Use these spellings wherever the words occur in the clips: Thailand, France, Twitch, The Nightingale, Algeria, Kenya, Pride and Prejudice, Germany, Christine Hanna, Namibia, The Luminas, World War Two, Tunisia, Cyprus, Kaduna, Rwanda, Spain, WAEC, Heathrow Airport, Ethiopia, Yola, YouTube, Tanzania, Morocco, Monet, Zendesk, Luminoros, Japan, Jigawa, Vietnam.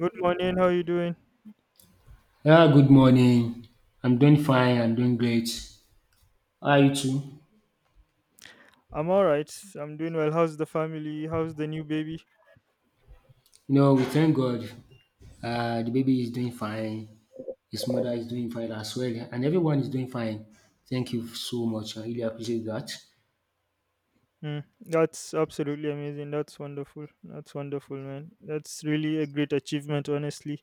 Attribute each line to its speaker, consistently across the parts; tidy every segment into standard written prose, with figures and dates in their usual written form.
Speaker 1: Good morning. How you doing?
Speaker 2: Yeah, good morning. I'm doing fine. I'm doing great. How are you too?
Speaker 1: I'm all right. I'm doing well. How's the family? How's the new baby?
Speaker 2: We thank God. The baby is doing fine. His mother is doing fine as well, and everyone is doing fine. Thank you so much. I really appreciate that.
Speaker 1: Mm, that's absolutely amazing. That's wonderful. That's wonderful, man. That's really a great achievement, honestly.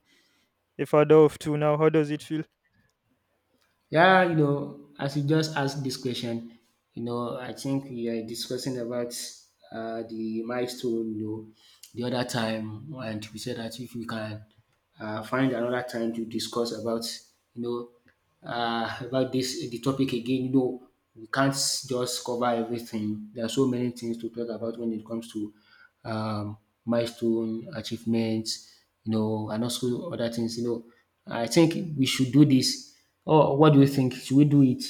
Speaker 1: A father of two now. How does it feel?
Speaker 2: Yeah, as you just asked this question, I think we are discussing about the milestone, the other time, and we said that if we can find another time to discuss about, about this the topic again, we can't just cover everything. There are so many things to talk about when it comes to um, milestone, achievements, and also other things. I think we should do this. Oh, what do you think? Should we do it?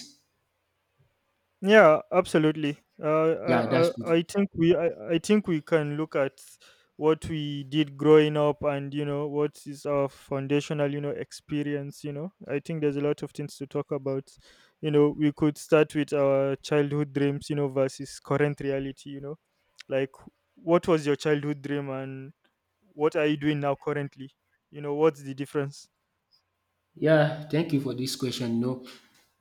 Speaker 1: Yeah, absolutely. Uh,
Speaker 2: Yeah,
Speaker 1: I,
Speaker 2: that's good.
Speaker 1: I, I think we I, I think we can look at what we did growing up, and what is our foundational experience. I think there's a lot of things to talk about. We could start with our childhood dreams versus current reality. Like, what was your childhood dream, and what are you doing now currently? What's the difference?
Speaker 2: Yeah, thank you for this question. You know,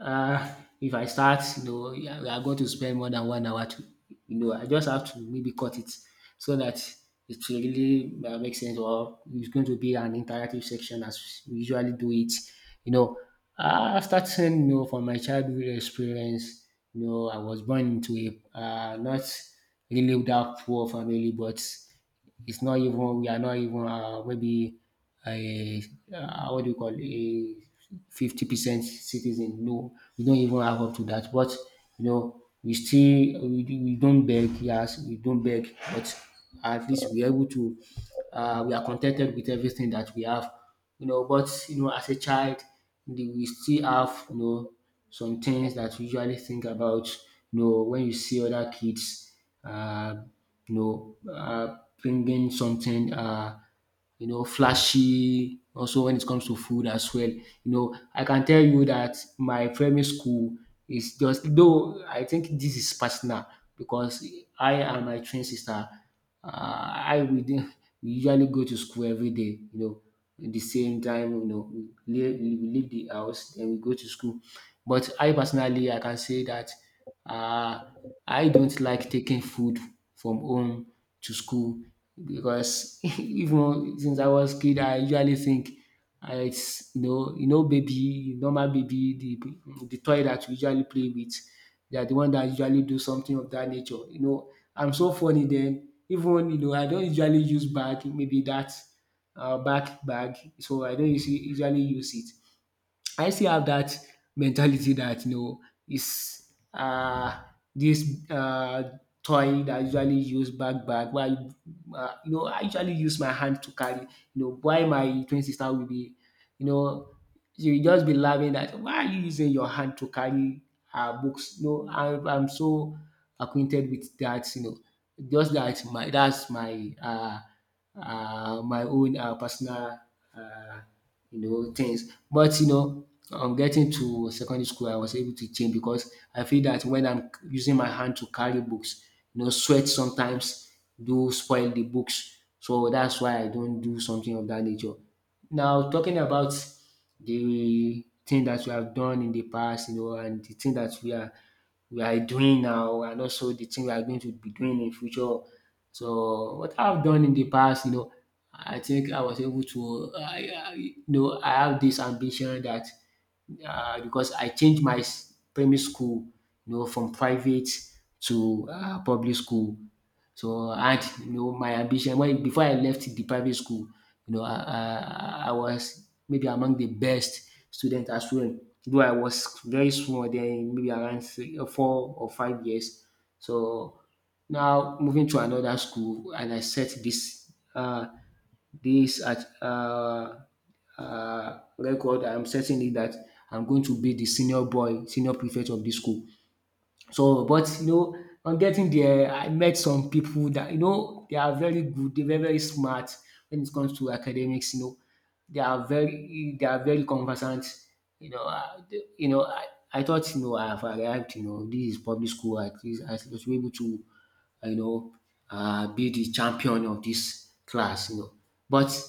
Speaker 2: uh, If I start, yeah, we are going to spend more than 1 hour to, I just have to maybe cut it so that it will really make sense, or it's going to be an interactive section as we usually do it. You know, Starting, from my childhood experience, I was born into a not really that poor family, but it's not even we are not even maybe a what do you call it, a 50% citizen. No, we don't even have up to that. But we don't beg. Yes, we don't beg, but at least we're able to. We are contented with everything that we have. But as a child, we still have some things that we usually think about, when you see other kids, uh, bringing something, flashy. Also, when it comes to food as well, I can tell you that my primary school is just, though I think this is personal, because I and my twin sister, I we didn't- we usually go to school every day, at the same time, we leave the house, then we go to school. But I personally, I can say that uh, I don't like taking food from home to school because even since I was kid, I usually think it's baby, normal baby, the toy that we usually play with, they are the one that usually do something of that nature. I'm so funny then, even I don't usually use bag, maybe that back bag, so I don't usually use it. I still have that mentality that is this toy that I usually use back back. Why I usually use my hand to carry. Why my twin sister will be, you know you will just be laughing, that why are you using your hand to carry our books? No, I'm so acquainted with that. Just that my that's my own personal uh, things. But on getting to secondary school, I was able to change because I feel that when I'm using my hand to carry books, sweat sometimes do spoil the books. So that's why I don't do something of that nature. Now talking about the thing that we have done in the past, and the thing that we are doing now, and also the thing we are going to be doing in future. So what I've done in the past, I think I was able to, I have this ambition that because I changed my primary school, from private to public school. So, and my ambition when, before I left the private school, I was maybe among the best student as well. Though I was very small then, maybe around 3 or 4 or 5 years. So now, moving to another school, and I set this this at record. I'm setting it that I'm going to be the senior boy, senior prefect of this school. So, but on getting there, I met some people that they are very good, they're very, very smart when it comes to academics. They are very conversant. You know, uh, you know, I, I thought, I have arrived. This is public school. At least I was able to uh, you know, be the champion of this class. But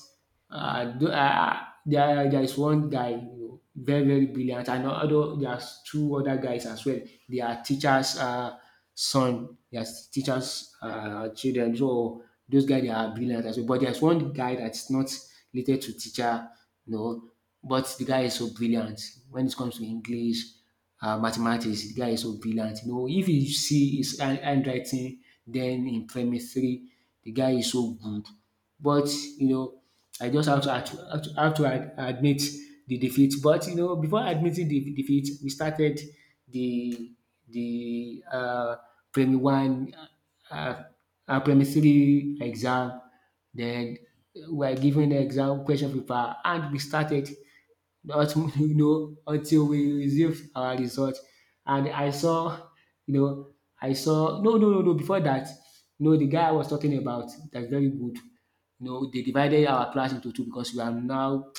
Speaker 2: uh, do, uh, there is one guy, very, very brilliant, and although there's two other guys as well. They are teachers' son, they are teachers' children. So those guys, they are brilliant as well. But there's one guy that's not related to teacher, you know, but the guy is so brilliant when it comes to English, mathematics. The guy is so brilliant. If you see his handwriting then in primary three, the guy is so good. But you know, I just have to have to, have to, have to ad- admit the defeat. But before admitting the defeat, we started the the primary one, uh, primary three exam. Then we are given the exam question paper, and we started not until we received our result, and I saw you know I saw no no no no before that, the guy I was talking about, that's very good, they divided our class into two because we are now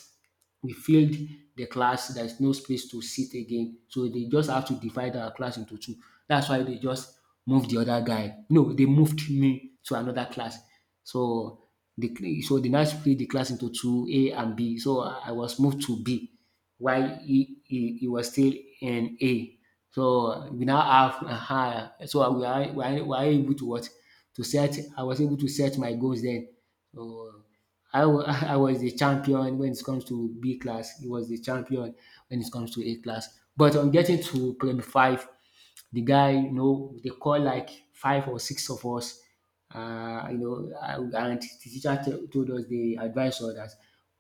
Speaker 2: we filled the class. There's no space to sit again, so they just have to divide our class into two. That's why they just moved the other guy no they moved me to another class. So they now split the class into two, A and B. So I was moved to B, while he was still in A. So we now have so we are, we are we are able to what to set I was able to set my goals then. So, I was the champion when it comes to B class. He was the champion when it comes to A class. But on getting to Prem 5, the guy, they call like five or six of us, and the teacher told us, they advised us that,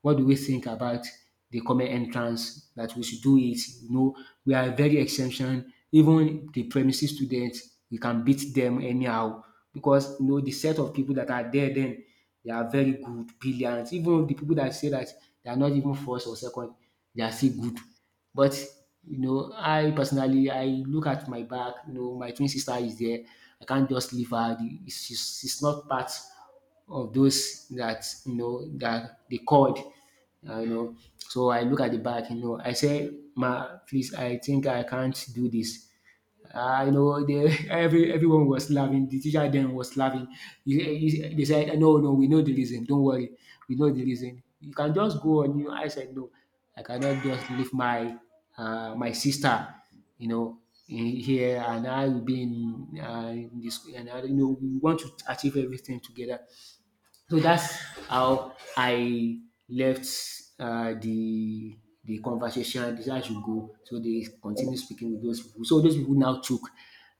Speaker 2: what do we think about the common entrance, that we should do it? We are very exemption. Even the premises students, we can beat them anyhow, because the set of people that are there then, they are very good, brilliant. Even the people that say that they are not even first or second, they are still good. But I personally, I look at my back. My twin sister is there. I can't just leave her. She's not part of those that that they called. So I look at the back. I say, "Ma, please, I think I can't do this." Ah, they, everyone was laughing. The teacher then was laughing. They said, "No, no, we know the reason. Don't worry, we know the reason. You can just go on." I said, "No, I cannot just leave my sister, you know, in here, and I will be in this. And we want to achieve everything together. So that's how I left uh, the the conversation. This is how it should go." So they continue speaking with those people. So those people now took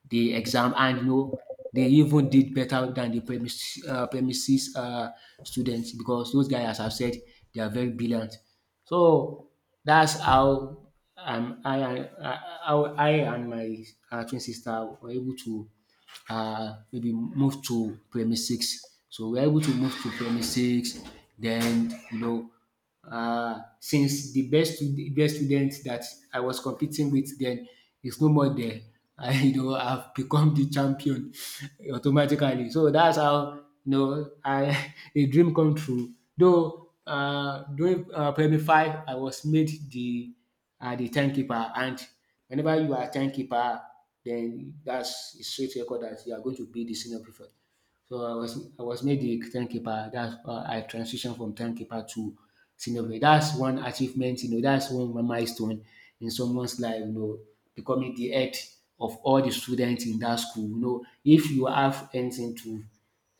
Speaker 2: the exam, and they even did better than the premises students, because those guys, as I've said, they are very brilliant. So that's how I and my twin sister were able to maybe move to primary six. So we're able to move to primary six. Then, since the best student that I was competing with then is no more there, I I've become the champion automatically. So that's how I, a dream come true. Though during primary five, I was made the, and the timekeeper. And whenever you are a timekeeper, then that's a straight record that you are going to be the senior prefect. So I was made the timekeeper. That's I transitioned from timekeeper to senior prefect. That's one achievement. That's one milestone in someone's life, you know, becoming the head of all the students in that school. You know, if you have anything to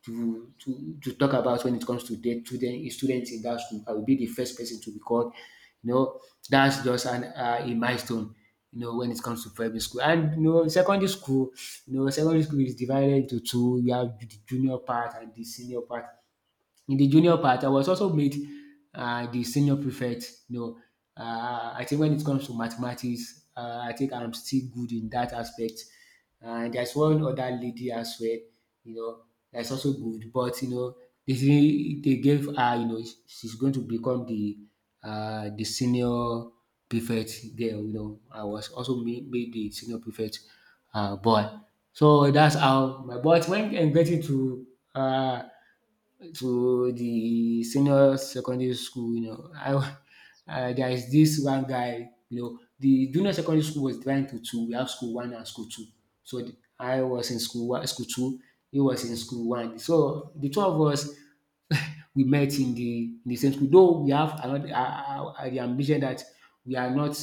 Speaker 2: talk about when it comes to the students in that school, I will be the first person to be called you know, that's just an a milestone. You know, when it comes to primary school and you know secondary school, you know secondary school is divided into two. You have the junior part and the senior part. In the junior part, I was also made the senior prefect. You know, I think when it comes to mathematics, I think I'm still good in that aspect. And there's one other lady as well, you know, that's also good. But you know, they gave her, you know, she's going to become the senior prefect girl. You know, I was also made the senior prefect boy. So that's how my, but when I'm getting uh, to the senior secondary school, you know, there is this one guy. You know, the junior secondary school was divided into two. We have school one and school two. So the, I was in school one, school two. He was in school one. So the two of us we met in the same school. Though we have another the ambition that we are not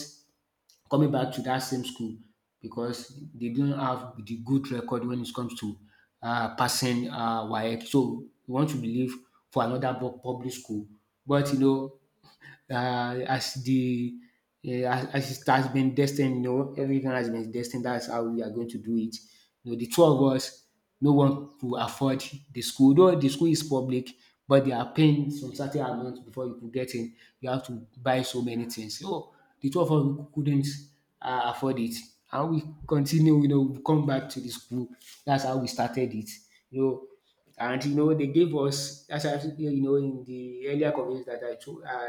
Speaker 2: coming back to that same school because they don't have the good record when it comes to passing WAEC. So we want to believe for another public school. But you know, uh, as the yeah, as it has been destined, you know, everything has been destined. That's how we are going to do it. You know, the two of us, no one could afford the school. Though the school is public, but they are paying some certain amount before you could get in. You have to buy so many things. So the two of us we couldn't afford it, and we continue. You know, we come back to the school. That's how we started it. You know, and you know, they gave us, as in the earlier conversation that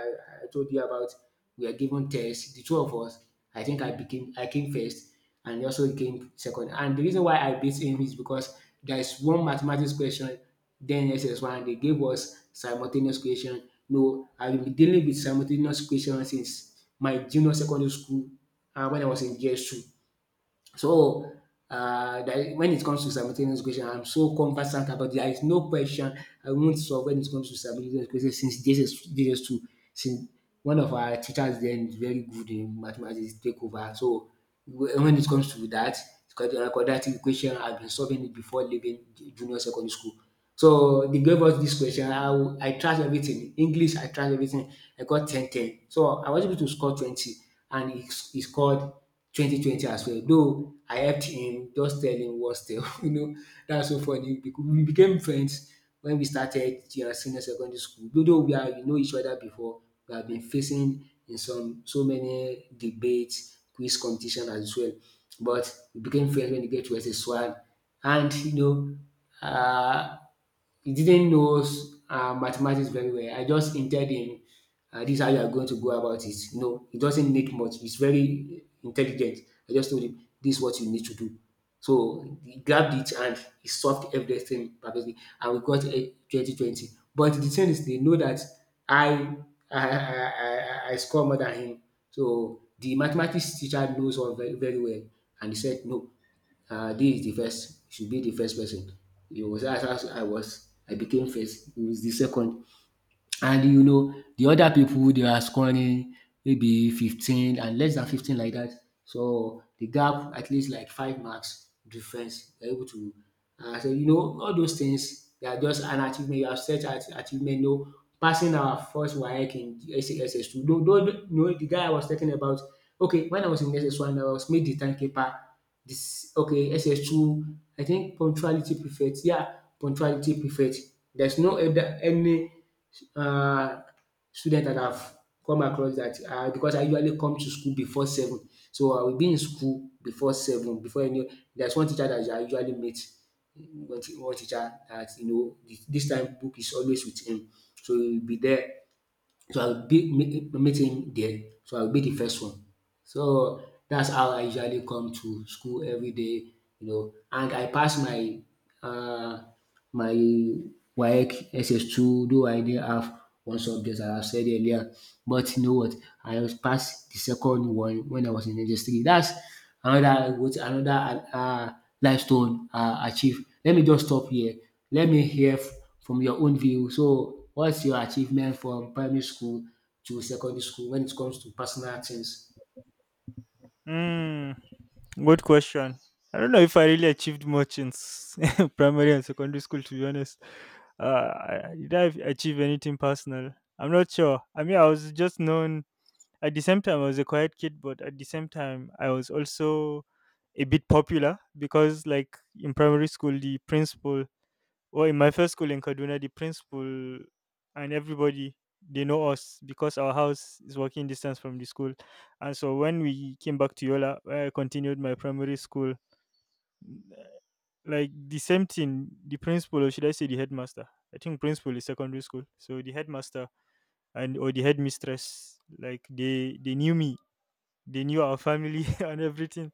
Speaker 2: I told you about, we are given tests. The two of us, I think I came first, and he also came second. And the reason why I beat him is because there is one mathematics question, then SS1, they gave us simultaneous question. No, I've been dealing with simultaneous question since my junior secondary school when I was in JS2. So when it comes to simultaneous equation, I'm so conversant about it. There is no question I won't solve when it comes to simultaneous equation since this is 2, since one of our teachers then is very good in mathematics, take over. So when it comes to that, it's called the quadratic equation. I've been solving it before leaving junior secondary school. So they gave us this question. I tried everything. English, I tried everything. I got 10 10. So I was able to score 20, and he scored 20 20 well. Though I helped him, just tell him what's still, you know, that's so funny. Because we became friends when we started senior secondary school, though we know each other before, we have been facing in some so many debates, quiz competition as well. But we became friends when we get to SS1, and you know, um he didn't knows mathematics very well. I just hinted him, this is how you are going to go about it. No, know, he doesn't need much. He's very intelligent. I just told him this is what you need to do. So he grabbed it and he solved everything perfectly, and we got a 2020. But the thing is they know that I I score more than him. So the mathematics teacher knows all very, very well, and he said no, this is the first, should be the first person. He was, I was, I became first. He was the second, and you know the other people they are scoring maybe 15 and less than 15 like that. So the gap at least like five marks difference they're able to so you know all those things they are just an achievement, you have set at achievement. No, passing our first WAEC in SSS2, though you know the guy I was talking about, okay, when I was in SS1 I was made the timekeeper. This okay SS2 I think punctuality prefect, yeah, punctuality prefect. There's no other any um student that I've come across that because I usually come to school before seven. So I will be in school before seven before any, there's one teacher that I usually meet, one teacher that you know this time book is always with him, so he will be there. So I will be meet him there. So I will be the first one. So that's how I usually come to school every day, you know, and I pass my uh, my WAEC SS2, though I didn't have one subject as I said earlier, but you know what, I was passed the second one when I was in ss. That's another, what, another milestone achieve. Let me just stop here. Let me hear from your own view. So what's your achievement from primary school to secondary school when it comes to personal things?
Speaker 1: Mm, good question. I don't know if I really achieved much in primary and secondary school, to be honest. Did I achieve anything personal? I'm not sure. I mean, I was just known. At the same time, I was a quiet kid, but at the same time, I was also a bit popular because, like, in primary school, the principal well, in my first school in Kaduna, the principal and everybody, they know us because our house is walking distance from the school. And so when we came back to Yola, where I continued my primary school, like the same thing, the principal, or should I say the headmaster? I think principal is secondary school. So the headmaster, and or the headmistress, like, they knew me, they knew our family and everything.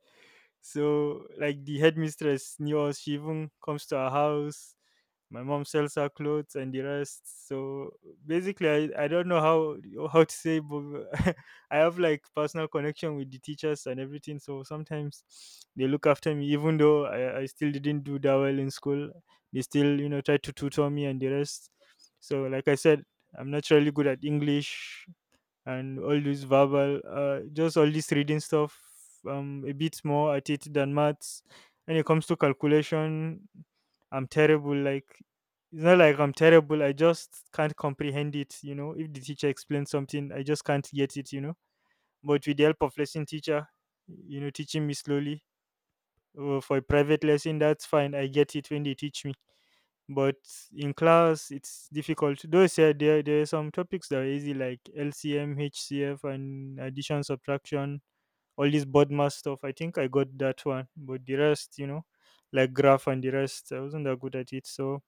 Speaker 1: So like the headmistress knew us. She even comes to our house. My mom sells her clothes and the rest. So basically, I don't know how to say, but I have like personal connection with the teachers and everything. So sometimes they look after me, even though I still didn't do that well in school. They still try to tutor me and the rest. So like I said, I'm naturally good at English and all this verbal, just all this reading stuff. A bit more at it than maths. When it comes to calculation, I'm terrible. Like, it's not like I'm terrible. I just can't comprehend it. You know, if the teacher explains something, I just can't get it. But with the help of lesson teacher, teaching me slowly for a private lesson, that's fine. I get it when they teach me, but in class it's difficult, though. Yeah, there are some topics that are easy, like LCM, HCF, and addition, subtraction. All this board math stuff, I think I got that one, but the rest, you know, like graph and the rest, I wasn't that good at it. So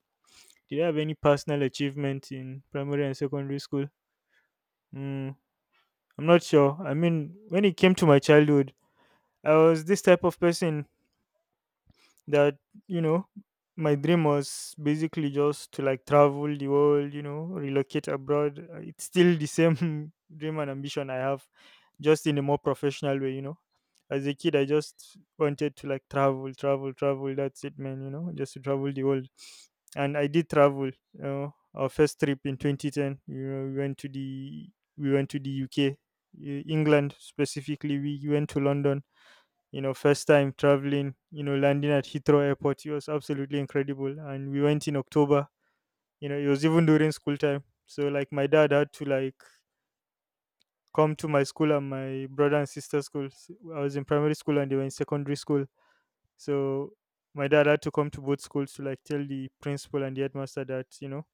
Speaker 1: did I have any personal achievement in primary and secondary school? mm, I'm not sure. I mean, when it came to my childhood, I was this type of person that, you know my dream was basically just to, like, travel the world, relocate abroad. It's still the same dream and ambition I have, just in a more professional way. As a kid, I just wanted to, like, travel, travel, travel. That's it, man. Just to travel the world. And I did travel. Our first trip in 2010, we went to the UK. England, specifically. We went to London. First time traveling, landing at Heathrow Airport. It was absolutely incredible. And we went in October. It was even during school time. So, like, my dad had to, like, come to my school and my brother and sister school. I was in primary school and they were in secondary school. So my dad had to come to both schools to, like, tell the principal and the headmaster that,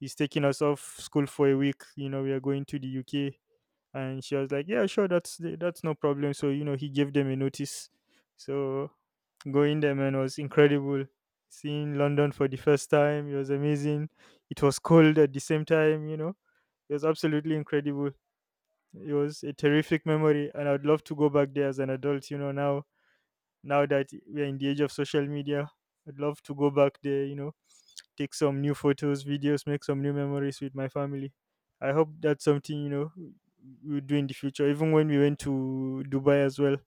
Speaker 1: he's taking us off school for a week. We are going to the UK, and she was like, "Yeah, sure, that's no problem." So he gave them a notice. So going there, man, was incredible. Seeing London for the first time, it was amazing. It was cold at the same time. It was absolutely incredible. It was a terrific memory, and I'd love to go back there as an adult. Now, now that we're in the age of social media, I'd love to go back there. Take some new photos, videos, make some new memories with my family. I hope that's something we'll do in the future. Even when we went to Dubai as well,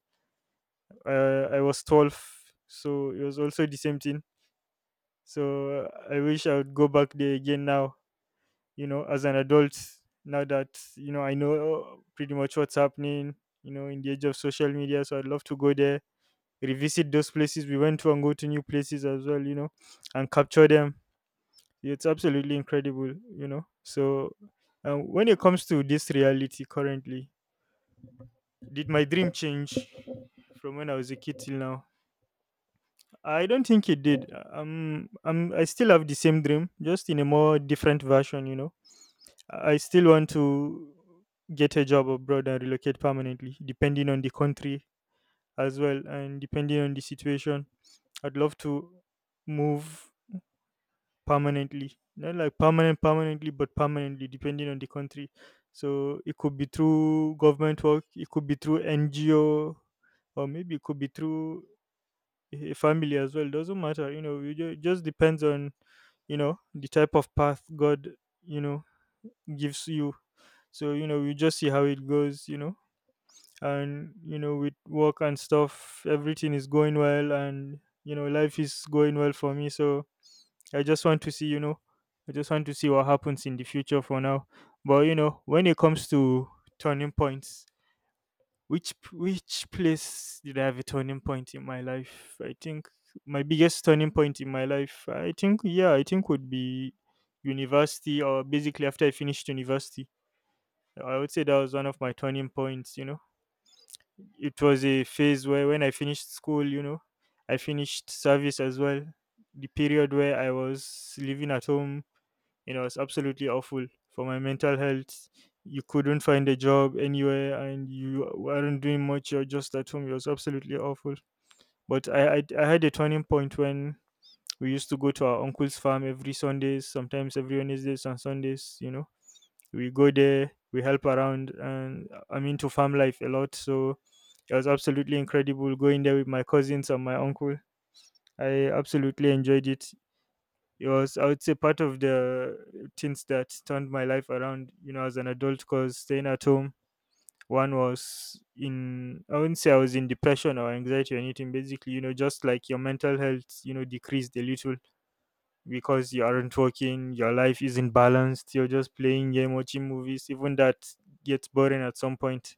Speaker 1: I was 12, so it was also the same thing. So I wish I would go back there again now. You know, as an adult, now that I know pretty much what's happening. In the age of social media, so I'd love to go there, revisit those places we went to, and go to new places as well. And capture them. It's absolutely incredible. So, when it comes to this reality currently, did my dream change from when I was a kid till now? I don't think it did. I still have the same dream, just in a more different version. I still want to get a job abroad and relocate permanently, depending on the country as well, and depending on the situation. I'd love to move permanently, not like permanent permanently, but permanently, depending on the country. So it could be through government work, it could be through NGO, or maybe it could be through a family as well. Doesn't matter. It just depends on, the type of path God, you know gives you. So we just see how it goes. And with work and stuff, everything is going well, and life is going well for me. So I just want to see, you know, I just want to see what happens in the future for now. But, when it comes to turning points, which place did I have a turning point in my life? I think my biggest turning point in my life, I think, yeah, I think would be university, or basically after I finished university. I would say that was one of my turning points. It was a phase where, when I finished school, I finished service as well. The period where I was living at home, you it was absolutely awful for my mental health. You couldn't find a job anywhere, and you weren't doing much. You're just at home. It was absolutely awful. But I had a turning point when we used to go to our uncle's farm every Sundays, sometimes every Wednesdays and Sundays. We go there, we help around, and I'm into farm life a lot. So it was absolutely incredible going there with my cousins and my uncle. I absolutely enjoyed it. It was, I would say, part of the things that turned my life around, as an adult, because staying at home, one was in I wouldn't say I was in depression or anxiety or anything, basically. Just like your mental health, decreased a little, because you aren't working, your life isn't balanced, you're just playing game, watching movies, even that gets boring at some point,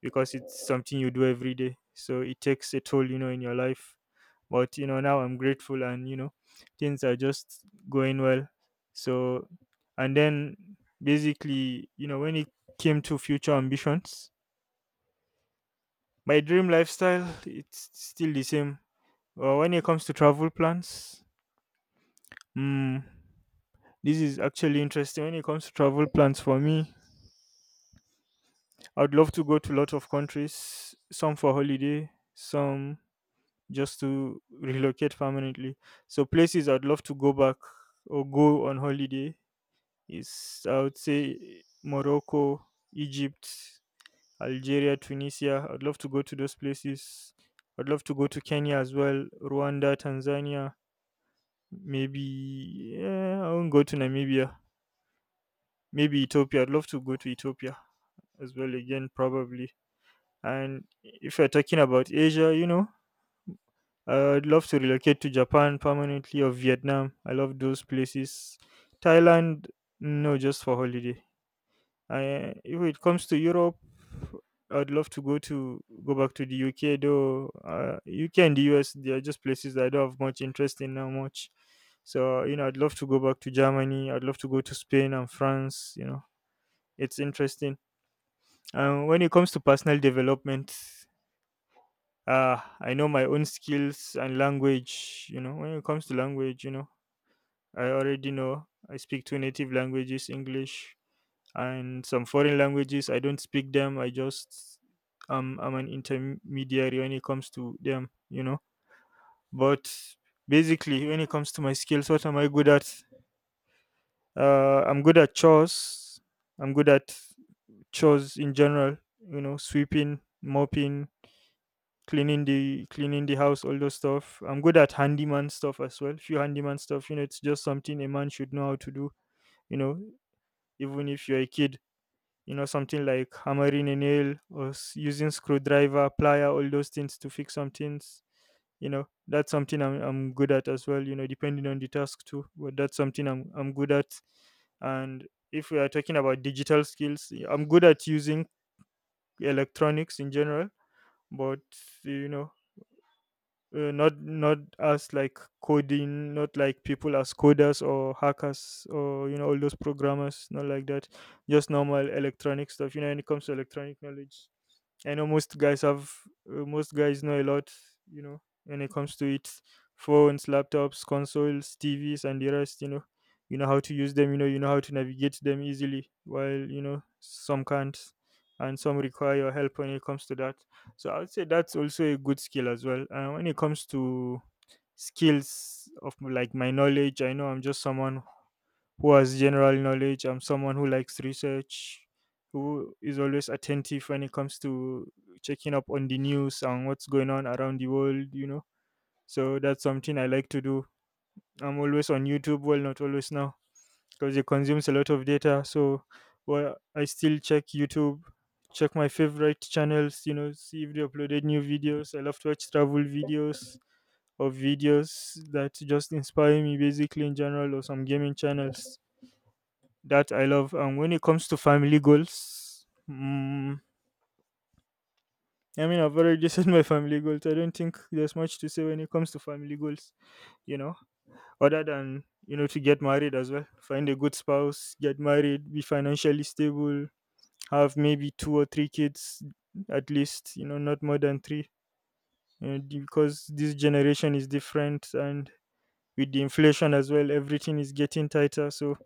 Speaker 1: because it's something you do every day. So it takes a toll in your life. But now I'm grateful, and things are just going well. So, and then basically, when it came to future ambitions, my dream lifestyle, it's still the same. Well, when it comes to travel plans, mm, this is actually interesting. When it comes to travel plans for me, I'd love to go to a lot of countries, some for holiday, some just to relocate permanently. So places I'd love to go back or go on holiday is, I would say, Morocco, Egypt, Algeria, Tunisia. I'd love to go to those places. I'd love to go to Kenya as well, Rwanda, Tanzania, maybe. Yeah, I won't go to Namibia. Maybe Ethiopia. I'd love to go to Ethiopia as well, again, probably. And if you're talking about Asia, I would love to relocate to Japan permanently, or Vietnam. I love those places. Thailand, no, just for holiday. If it comes to Europe, I'd love to go back to the UK, though. UK and the US, they are just places that I don't have much interest in now much. So, I'd love to go back to Germany. I'd love to go to Spain and France. It's interesting. When it comes to personal development, I know my own skills and language. You know, when it comes to language, you know, I already know I speak two native languages, English and some foreign languages. I don't speak them. I just I'm an intermediary when it comes to them. You know, but basically, when it comes to my skills, what am I good at? I'm good at chores. I'm good at chores in general. You know, sweeping, mopping, cleaning the house, all those stuff. I'm good at handyman stuff as well. Few handyman stuff, you know, it's just something a man should know how to do. You know, even if you're a kid, you know, something like hammering a nail or using screwdriver, plier, all those things to fix some things. You know, that's something I'm good at as well. You know, depending on the task too, but that's something I'm good at. And if we are talking about digital skills, I'm good at using electronics in general, but you know not as like coding, not like people as coders or hackers or, you know, all those programmers, not like that, just normal electronic stuff. You know, when it comes to electronic knowledge, I know most guys have most guys know a lot, you know, when it comes to it, phones, laptops, consoles, TVs, and the rest. You know how to use them. You know how to navigate them easily. While, you know, some can't, and some require your help when it comes to that. So I would say that's also a good skill as well. And when it comes to skills of like my knowledge, I know I'm just someone who has general knowledge. I'm someone who likes research, who is always attentive when it comes to checking up on the news and what's going on around the world, you know. So that's something I like to do. I'm always on YouTube, well, not always now because it consumes a lot of data. So well, I still check YouTube, check my favorite channels, you know, see if they uploaded new videos. I love to watch travel videos or videos that just inspire me basically in general or some gaming channels that I love. And when it comes to family goals, I mean, I've already said my family goals. I don't think there's much to say when it comes to family goals, you know, other than, you know, to get married as well, find a good spouse, get married, be financially stable, have maybe two or three kids at least, you know, not more than three, you know, because this generation is different, and with the inflation as well, everything is getting tighter. So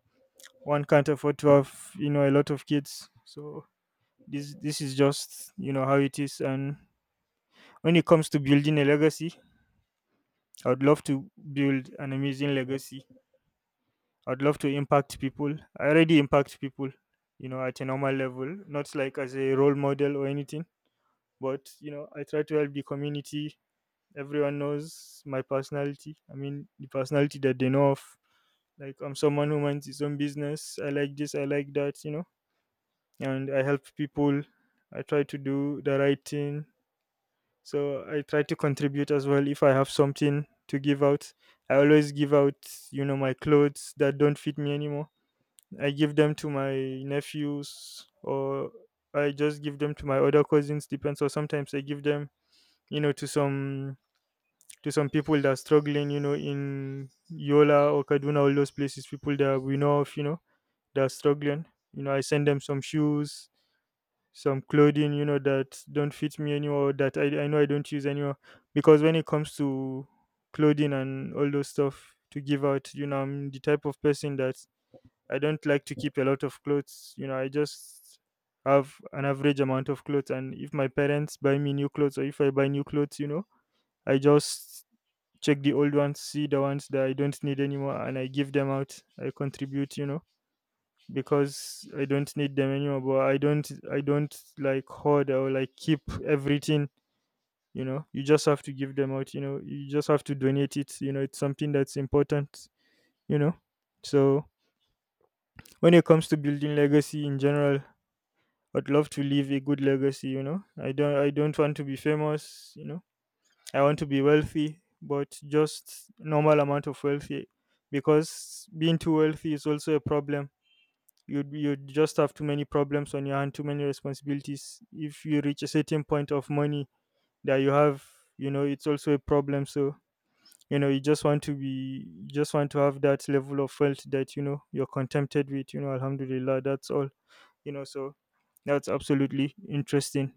Speaker 1: one can't afford to have, you know, a lot of kids. So this is just, you know, how it is. And when it comes to building a legacy, I would love to build an amazing legacy. I'd love to impact people. I already impact people, you know, at a normal level, not like as a role model or anything, but, you know, I try to help the community. Everyone knows my personality, I mean the personality that they know of. Like, I'm someone who minds his own business. I like this, I like that, you know, and I help people. I try to do the right thing, so I try to contribute as well. If I have something to give out, I always give out, you know, my clothes that don't fit me anymore. I give them to my nephews, or I just give them to my other cousins, depends. Or sometimes I give them, you know, to some, to some people that are struggling, you know, in Yola or Kaduna, all those places, people that we know of, you know, that are struggling. You know, I send them some shoes, some clothing, you know, that don't fit me anymore, that I know I don't use anymore. Because when it comes to clothing and all those stuff to give out, you know, I'm the type of person that I don't like to keep a lot of clothes. You know, I just have an average amount of clothes, and if my parents buy me new clothes or if I buy new clothes, you know, I just check the old ones, see the ones that I don't need anymore, and I give them out, I contribute, you know, because I don't need them anymore. But I don't, I don't like hoard or like keep everything. You know, you just have to give them out. You know, you just have to donate it. You know, it's something that's important. You know, so when it comes to building legacy in general, I'd love to leave a good legacy. You know, I don't, I don't want to be famous. You know, I want to be wealthy, but just normal amount of wealthy, because being too wealthy is also a problem. You'd just have too many problems on your hand, too many responsibilities. If you reach a certain point of money that you have, you know, it's also a problem. So, you know, you just want to be, you just want to have that level of wealth that you know you're contented with. You know, Alhamdulillah, that's all. You know, so that's absolutely interesting.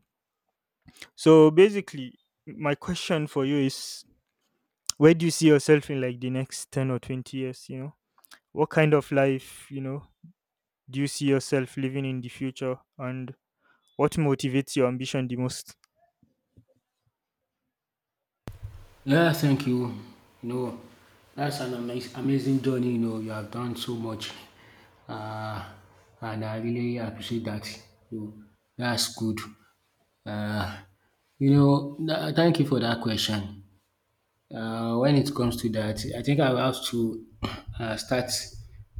Speaker 1: So basically, my question for you is, where do you see yourself in like the next 10 or 20 years? You know, what kind of life, you know, do you see yourself living in the future, and what motivates your ambition the most?
Speaker 2: Yeah, thank you. You know, that's an amazing journey. You know, you have done so much, uh, and I really appreciate that. You know, that's good. Uh, you know, thank you for that question. When it comes to that, I think I will have to start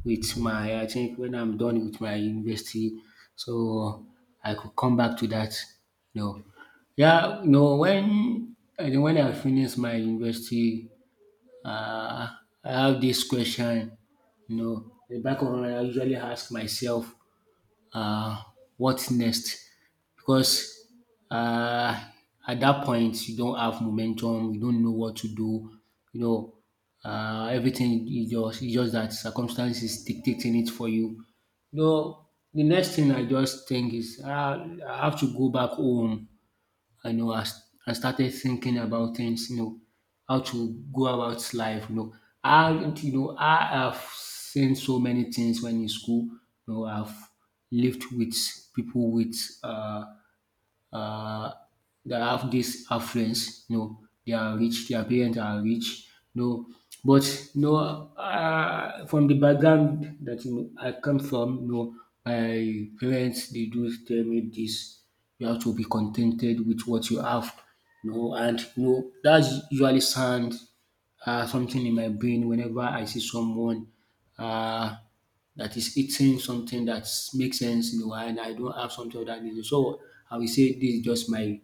Speaker 2: with my, I think when I'm done with my university, so I could come back to that. No, yeah, no. When I think when I finish my university, uh, I have this question. You know, the back of my mind, I usually ask myself, uh, what next? Because uh, at that point you don't have momentum, you don't know what to do, you know, everything is just, it's just that circumstances dictating it for you. You know, the next thing I just think is I have to go back home. I know I st- I started thinking about things, you know, how to go about life, you know. I, you know, I have seen so many things when in school, you know, I've lived with people with uh, uh, that have this affluence. No, they are rich. Their parents are rich. No, but no, from the background that you know, I come from, no, my parents they do tell me this: you have to be contented with what you have. No, and no, know that's usually sound something in my brain whenever I see someone uh, that is eating something that makes sense, you know, and I don't have something of that nature. So I will say this is just my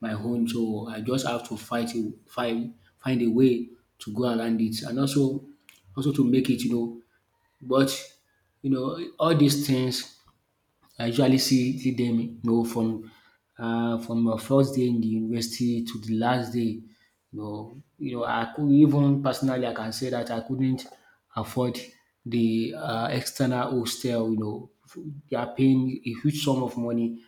Speaker 2: my own. So I just have to fight it, find a way to go around it, and also to make it, you know. But you know, all these things I usually see them, you know, from my first day in the university to the last day. You know, I could even personally I can say that I couldn't afford the external hostel. You know, they are paying a huge sum of money,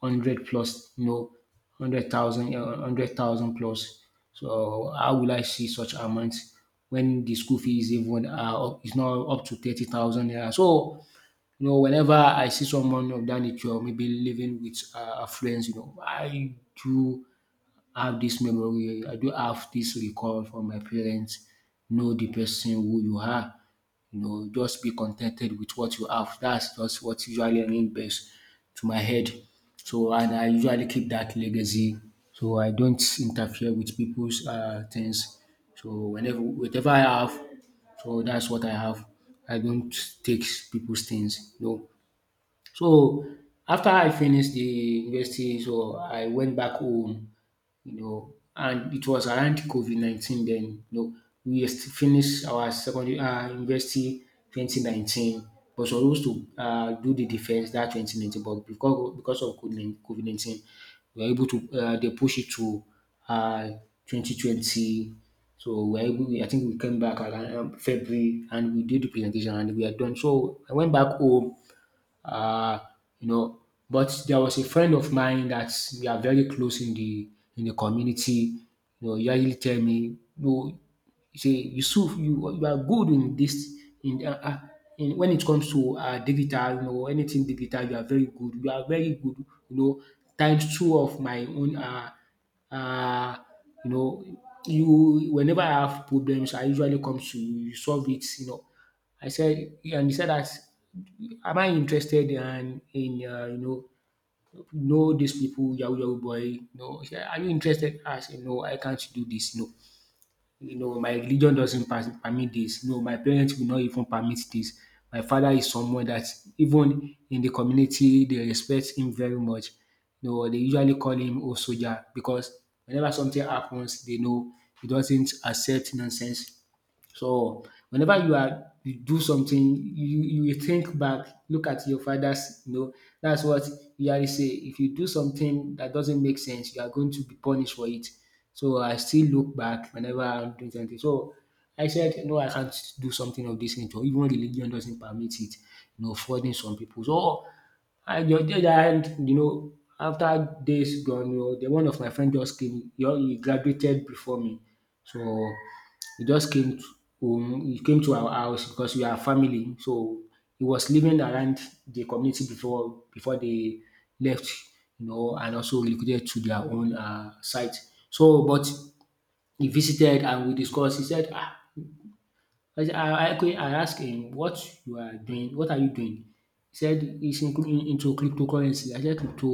Speaker 2: hundred plus, you know, 100,000 plus. So how will I see such amounts when the school fee is even is not up to 30,000 naira? So you know, whenever I see someone of that nature, maybe living with affluence, you know, I do have this memory. I do have this recall from my parents. Know the person who you are. You know, just be contented with what you have. That's just what usually rings best to my head. So, and I usually keep that legacy. So I don't interfere with people's things. So whenever, whatever I have, so that's what I have. I don't take people's things. No, so after I finished the university, so I went back home, you know, and it was around COVID 19 then. You know, finished our secondary university 2019, but supposed to do the defense that 2019, but because of COVID 19, we were able to they push it to uh, 2020. So we were able, I think we came back around February, and we did the presentation, and we are done. So I went back home, uh, you know, but there was a friend of mine that we are very close in the community. He usually tell me, no, he say Yusuf, you are good in this in uh, uh, in when it comes to digital, anything digital, you are very good. You are very good. You know, times two of my own. Uh, you know, you whenever I have problems, I usually come to you, you solve it. I said, yeah, and he said that am I interested in know these people, yahoo yahoo boy? No, say, are you interested? I say no, I can't do this. No, you know my religion doesn't permit this. No, my parents will not even permit this. My father is someone that even in the community they respect him very much. You know they usually call him old soldier because whenever something happens, they know he doesn't accept nonsense. So whenever you do something, you will think back, look at your fathers. That's what usually say. If you do something that doesn't make sense, you are going to be punished for it. So I still look back whenever I'm doing something. So I said, no, I can't do something of this nature. Even religion doesn't permit it, flooding some people. So I the other hand, after days gone, the one of my friend just came, he graduated before me. So he just came to home, he came to our house because we are family. So he was living around the community before they left, and also relocated to their own site. So, but he visited and we discussed. He said, ah, I said, I asked him what you are doing, what are you doing? He said he's into cryptocurrency. I said crypto,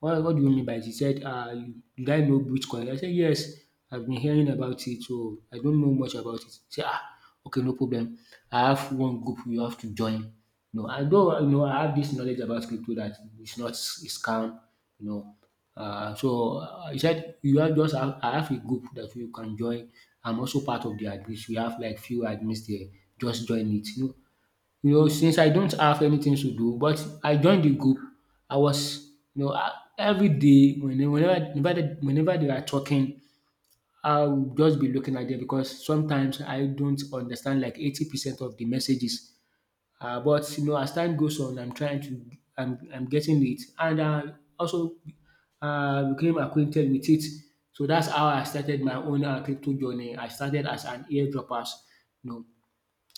Speaker 2: what do you mean by it? He said, you- did I know Bitcoin? I said, yes, I've been hearing about it, so I don't know much about it. He said, ah, okay, no problem. I have one group you have to join. I have this knowledge about crypto that it's not a scam, you know. He said you have just have I have a group that you can join. I'm also part of the admins. We have like few admins there. Just join it. Since I don't have anything to do, but I joined the group. I was, you know, I- every day whenever they are talking, I'll just be looking at them because sometimes I don't understand like 80% of the messages. But you know, as time goes on, I'm getting it, and I also became acquainted with it. So that's how I started my own crypto journey. I started as an airdroppers, you know,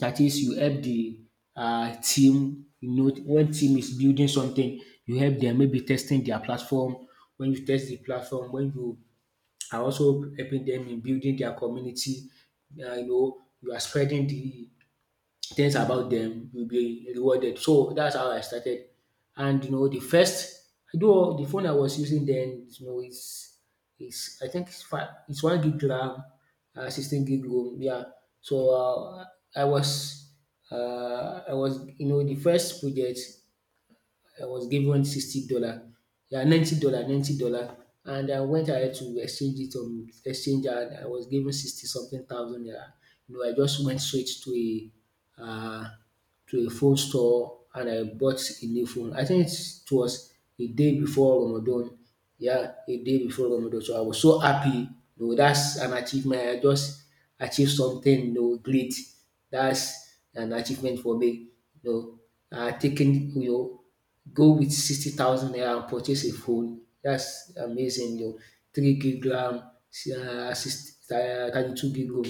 Speaker 2: that is, you help the team. You know, when team is building something, you help them maybe testing their platform. When you test the platform, when you are also helping them in building their community, you are spreading the things about them will be rewarded. So that's how I started. And you know, the first though the phone I was using then, you know, it's I think it's 1 gig RAM, 16 gig ROM. Yeah. So I was I was you know the first project I was given $60, yeah $90 and I went ahead to exchange it exchange and I was given 60 something thousand naira. You know I just went straight uh, to a phone store and I bought a new phone. I think it was a day before Ramadan. Yeah, a day before Ramadan. So I was so happy. You know, that's an achievement. I just achieved something, you know, great. That's an achievement for me. You know, uh, taking, you know, go with 60,000 naira and purchase a phone. That's amazing o. 3 gig RAM, si, six 32 gig ROM.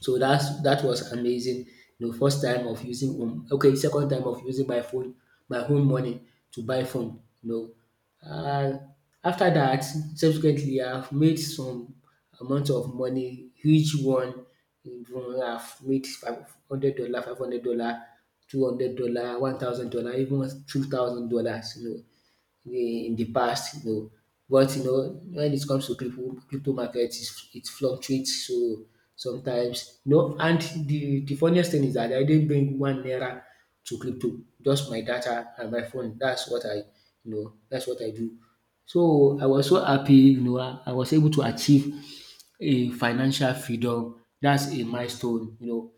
Speaker 2: So that was amazing. The first time of using okay, second time of using my phone, my own money to buy phone. Know, uh, after that, subsequently, I've made some amount of money, huge one. Even I've made $500, $200, $1,000, even $2,000. You know, in the past, you know. But you know, when it comes to crypto market, it fluctuates. So sometimes, and the funniest thing is that I didn't bring 1 naira to crypto, just my data and my phone. That's what I do. So I was so happy, you know, I was able to achieve a financial freedom. That's a milestone.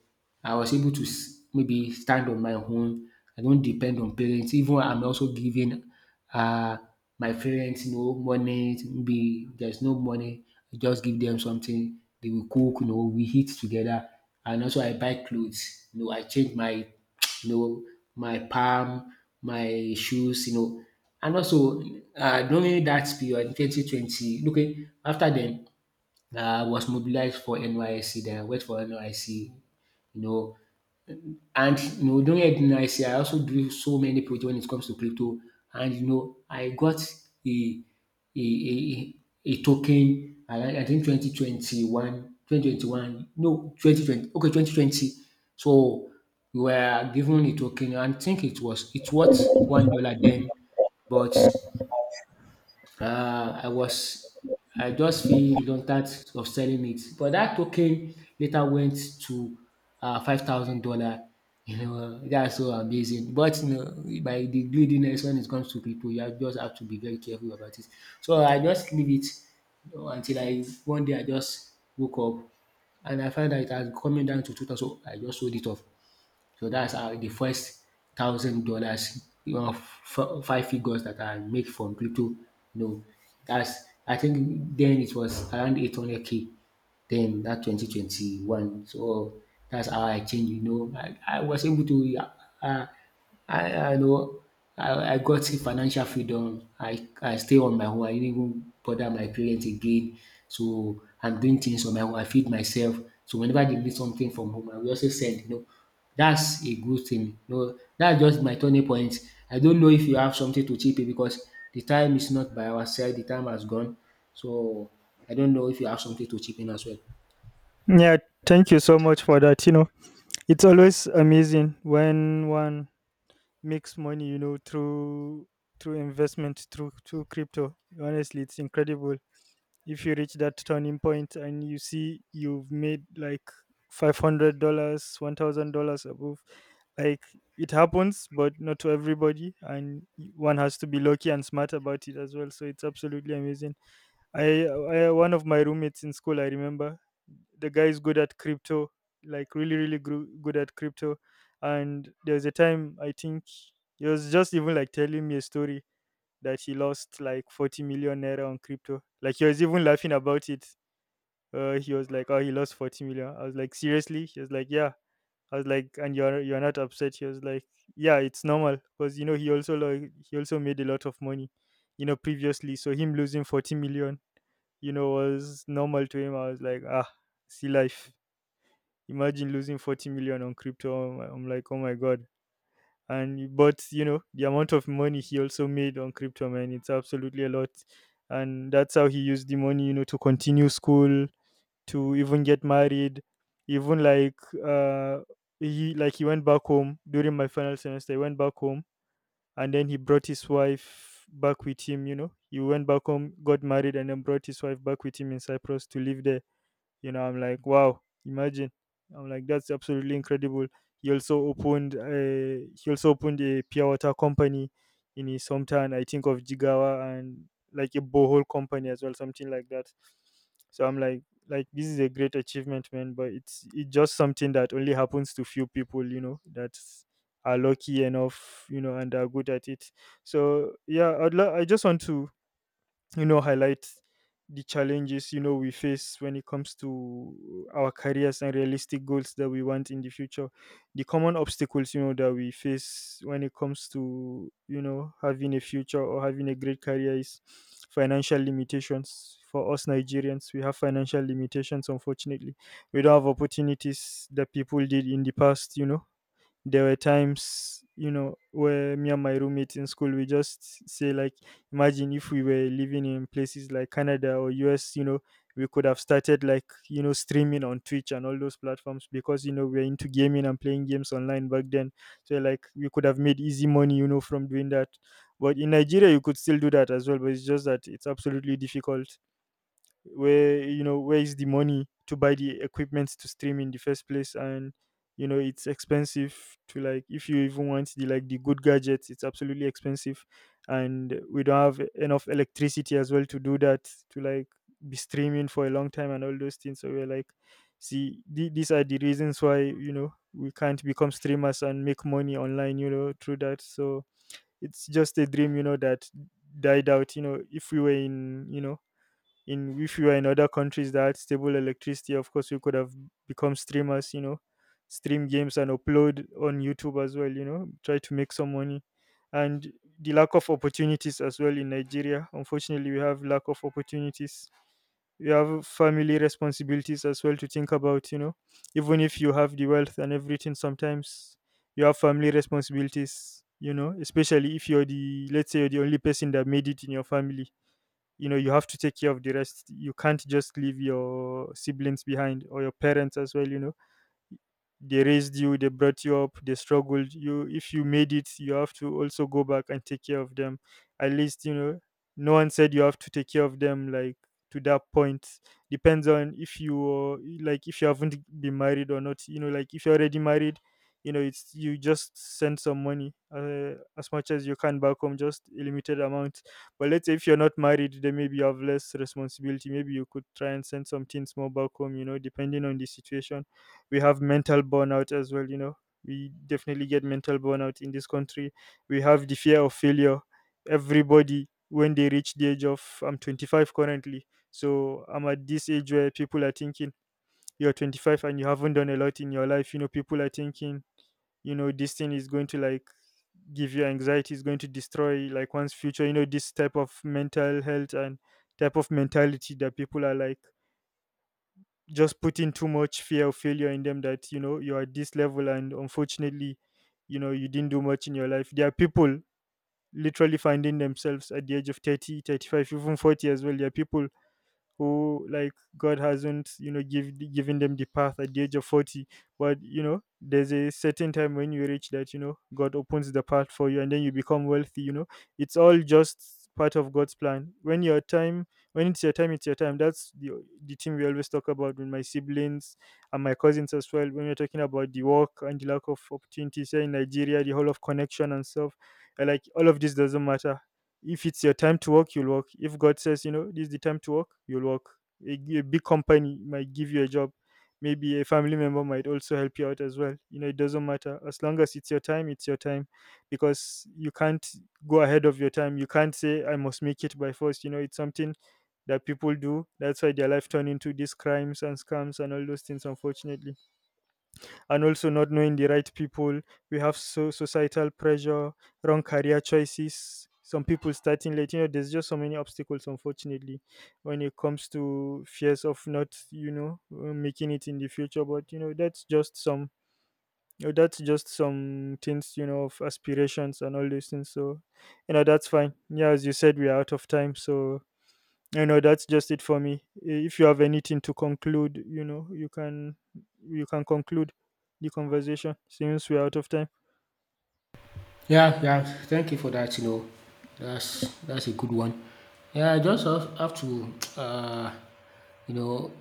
Speaker 2: I was able to s- maybe stand on my own. I don't depend on parents. Even I'm also giving uh, my parents, you know, money. Maybe there's no money, I just give them something. They will cook, you know, we eat together. And also I buy clothes. You know, I change my, you know, my palm, my shoes. And also during that period, 2020, okay, after then, I was mobilized for NYSC, then I worked for NYSC, you know. And you know, during NYSC, I also do so many projects when it comes to crypto. And you know, I got a a, a, a token I think 2021, twenty one, twenty twenty one, no, 2020, okay, 2020. So we were given a token, I think it's worth $1 then, but uh, I was I just feel reluctant of selling it. But that token later went to $5,000. You know, that's so amazing. But you know, by the greediness when it comes to crypto, you just have to be very careful about it. So I just leave it until I one day I just woke up and I found that it had come down to 2,000. So I just sold it off. So that's how the first $1,000 or five figures that I make from crypto. Know, that's, I think then it was around 800 k. Then that 2021, so that's how I changed. I was able to, uh, I, I know, I got financial freedom. I stay on my own. I didn't even bother my parents again. So I'm doing things on my own. I feed myself. So whenever they need something from home, I will also send. That's a good thing. No, that's just my turning point. I don't know if you have something to chip in because the time is not by our side. The time has gone. So I don't know if you have something to chip in as well.
Speaker 1: Yeah, thank you so much for that. You know, it's always amazing when one makes money, you know, through through investment, through crypto. Honestly, it's incredible. If you reach that turning point and you see you've made like $500, $1,000 above, like, it happens, but not to everybody, and one has to be lucky and smart about it as well. So it's absolutely amazing. I, one of my roommates in school, I remember, the guy is good at crypto, like really, really good at crypto. And there was a time, I think he was just even like telling me a story that he lost like 40 million naira on crypto. Like, he was even laughing about it. He was like, "Oh, he lost 40 million." I was like, "Seriously?" He was like, "Yeah." I was like, "And you're not upset?" He was like, "Yeah, it's normal, because you know he also, like he also made a lot of money, you know, previously. So him losing 40 million, you know, was normal to him. I was like, ah, see life. Imagine losing 40 million on crypto. I'm like, oh my God. And, but, you know, the amount of money he also made on crypto, man, it's absolutely a lot. And that's how he used the money, you know, to continue school, to even get married, even like, he like he went back home during my final semester. He went back home and then he brought his wife back with him, you know. He went back home, got married, and then brought his wife back with him in Cyprus to live there. You know, I'm like, wow, imagine. I'm like, that's absolutely incredible. He also opened a, he also opened a pure water company in his hometown, I think, of Jigawa, and like a borehole company as well, something like that. So I'm like this is a great achievement, man. But it's just something that only happens to few people, you know, that are lucky enough, you know, and are good at it. So yeah, I just want to highlight the challenges, we face when it comes to our careers and realistic goals that we want in the future. The common obstacles, that we face when it comes to, having a future or having a great career is financial limitations. For us Nigerians, we have financial limitations, unfortunately. We don't have opportunities that people did in the past, you know. There were times, where me and my roommates in school, we just say like, imagine if we were living in places like Canada or US, you know, we could have started like, streaming on Twitch and all those platforms because, we're into gaming and playing games online back then. So like, we could have made easy money, you know, from doing that. But in Nigeria, you could still do that as well, but it's just that it's absolutely difficult. Where, where is the money to buy the equipment to stream in the first place? And you know, it's expensive to, like, if you even want the, like, the good gadgets, it's absolutely expensive. And we don't have enough electricity as well to do that, to like be streaming for a long time and all those things. So we're like, these are the reasons why, we can't become streamers and make money online, you know, through that. So it's just a dream, you know, that died out. You know, if we were in, if we were in other countries that had stable electricity, of course we could have become streamers, you know, stream games and upload on YouTube as well, you know, try to make some money. And the lack of opportunities as well in Nigeria, unfortunately, we have lack of opportunities. You have family responsibilities as well to think about, you know. Even if you have the wealth and everything, sometimes you have family responsibilities, you know, especially if you're the, let's say you're the only person that made it in your family, you know, you have to take care of the rest. You can't just leave your siblings behind or your parents as well, you know. They raised you, they brought you up, they struggled you. If you made it, you have to also go back and take care of them, at least, you know. No one said you have to take care of them like to that point. Depends on if you like, if you haven't been married or not, you know. Like, if you're already married, you know, it's, you just send some money, as much as you can back home, just a limited amount. But let's say if you're not married, then maybe you have less responsibility, maybe you could try and send some things more back home, you know, depending on the situation. We have mental burnout as well, you know. We definitely get mental burnout in this country. We have the fear of failure. Everybody, when they reach the age of, I'm 25 currently, so I'm at this age where people are thinking, you're 25 and you haven't done a lot in your life. You know, people are thinking, you know, this thing is going to, like, give you anxiety, is going to destroy, like, one's future. You know, this type of mental health and type of mentality that people are, like, just putting too much fear of failure in them, that, you know, you're at this level, and unfortunately, you know, you didn't do much in your life. There are people literally finding themselves at the age of 30, 35, even 40 as well. There are people who, like, God hasn't, given them the path at the age of 40. But you know, there's a certain time when you reach that, you know, God opens the path for you, and then you become wealthy, you know. It's all just part of God's plan. When your time, when it's your time, it's your time. That's the thing we always talk about with my siblings and my cousins as well. When we're talking about the work and the lack of opportunities here in Nigeria, the whole of connection and stuff, like, all of this doesn't matter. If it's your time to work, you'll work. If God says, you know, this is the time to work, you'll work. A big company might give you a job. Maybe a family member might also help you out as well. You know, it doesn't matter. As long as it's your time, it's your time. Because you can't go ahead of your time. You can't say, I must make it by force. You know, it's something that people do. That's why their life turn into these crimes and scams and all those things, unfortunately, and also not knowing the right people. We have societal pressure, wrong career choices, some people starting late. You know, there's just so many obstacles, unfortunately, when it comes to fears of not, making it in the future. But you know, that's just some. That's just some things, you know, of aspirations and all those things. So, you know, that's fine. Yeah, as you said, we are out of time. So, I know that's just it for me. If you have anything to conclude, you know, you can conclude the conversation since we're out of time.
Speaker 2: Yeah, yeah. Thank you for that. You know, that's a good one. Yeah, I just have to, you know,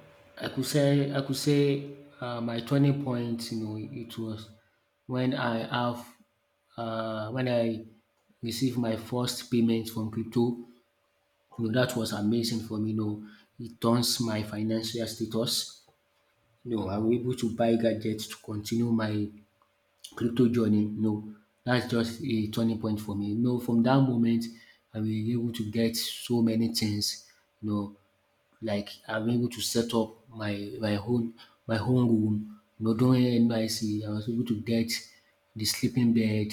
Speaker 2: I could say my turning point. You know, it was when I have when I received my first payment from crypto. You know, that was amazing for me. You know, it turns my financial status. You know, I was able to buy gadgets to continue my crypto journey, no, that's just a turning point for me. No, from that moment, I was able to get so many things, you know, like I'm able to set up my own room. You know, during NYSC, I was able to get the sleeping bed,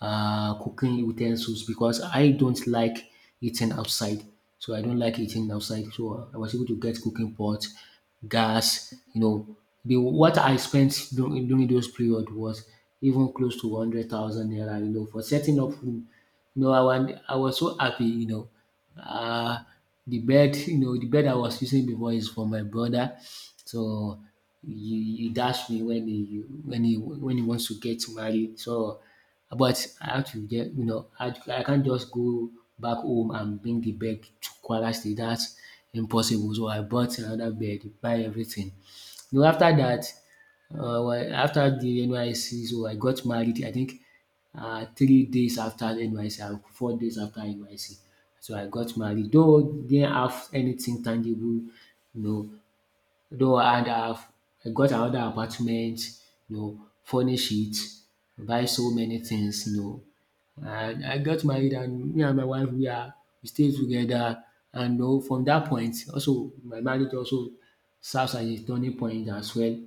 Speaker 2: cooking utensils because I don't like eating outside. So I don't like eating outside. So I was able to get cooking pot, gas. You know, the what I spent during those period was even close to 100,000 naira. You know, for setting up room no, I was so happy, you know. Uh, the bed, you know, the bed I was using before is for my brother, so he dashed me when he wants to get married. So, but I have to get, I can't just go back home and bring the bed to Kwara State. That's impossible. So I bought another bed, buy everything. You know, after that, well, after the NYC, so I got married. I think 3 days after NYC and 4 days after NYC, so I got married. Though didn't have anything tangible, you know, though I had have I got another apartment, you know, furnish it, buy so many things. And I got married and me and my wife we stay together, and you know, from that point also my marriage also serves as a turning point as well.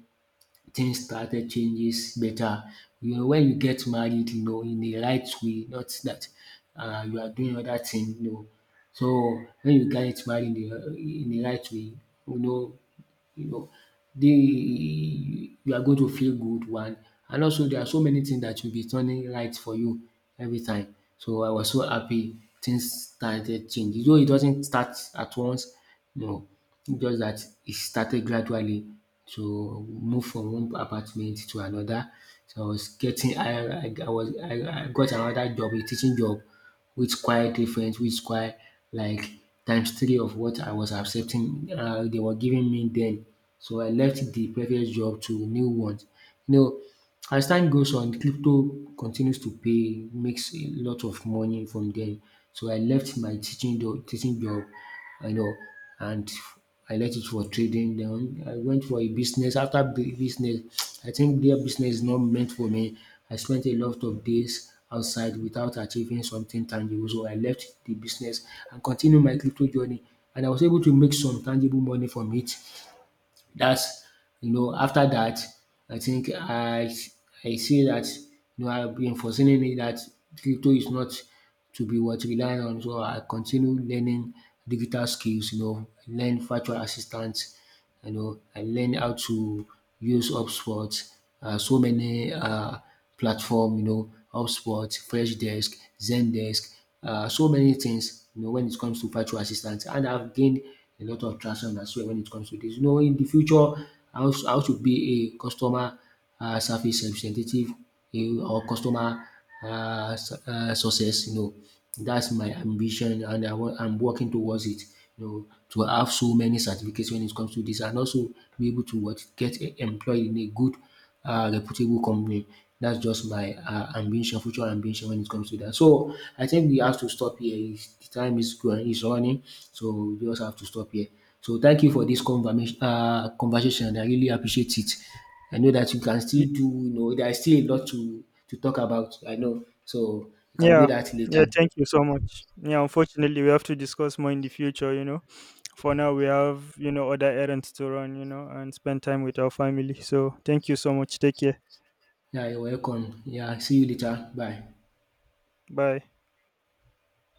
Speaker 2: Things started changes better. You know, when you get married, you know, in the right way, not that you are doing other thing. You know, so when you get married in the right way, you know you know, the you are going to feel good, one, and also there are so many things that will be turning right for you every time. So I was so happy things started changing. Though it doesn't start at once, no, just that it started gradually to move from one apartment to another. So I was getting I was I got another job, a teaching job which quite different, which quite like times three of what I was accepting they were giving me then. So I left the previous job to new ones. You know, as time goes on, crypto continues to pay, makes a lot of money from there. So I left my teaching job, you know, and I left it for trading. Then I went for a business. After business, I think their business is not meant for me. I spent a lot of days outside without achieving something tangible. So I left the business and continued my crypto journey. And I was able to make some tangible money from it. That's, you know, after that, I think I see that, you know, I've been foreseeing it that crypto is not to be what reliant on, so I continue learning digital skills, you know, learn virtual assistants. You know, I learn how to use HubSpot, so many platform, you know, HubSpot, Freshdesk, Zendesk, so many things, you know, when it comes to virtual assistants. And I've gained a lot of traction as well when it comes to this. You know, in the future, I also be a customer service representative or customer success. You know, that's my ambition, and I'm working towards it. You know, to have so many certificates when it comes to this, and also be able to what get employed in a good, reputable company. That's just my ambition, future ambition when it comes to that. So I think we have to stop here. The time is going, is running, so we just have to stop here. So thank you for this conversation. Conversation, I really appreciate it. I know that you can still
Speaker 1: Y-
Speaker 2: do, you know, there is still a lot to talk about, I know. So, you can do
Speaker 1: Yeah.
Speaker 2: that later.
Speaker 1: Yeah, thank you so much. Yeah, unfortunately we have to discuss more in the future, you know. For now we have, you know, other errands to run, you know, and spend time with our family. So thank you so much. Take care.
Speaker 2: Yeah, you're welcome. Yeah, see you later. Bye.
Speaker 1: Bye.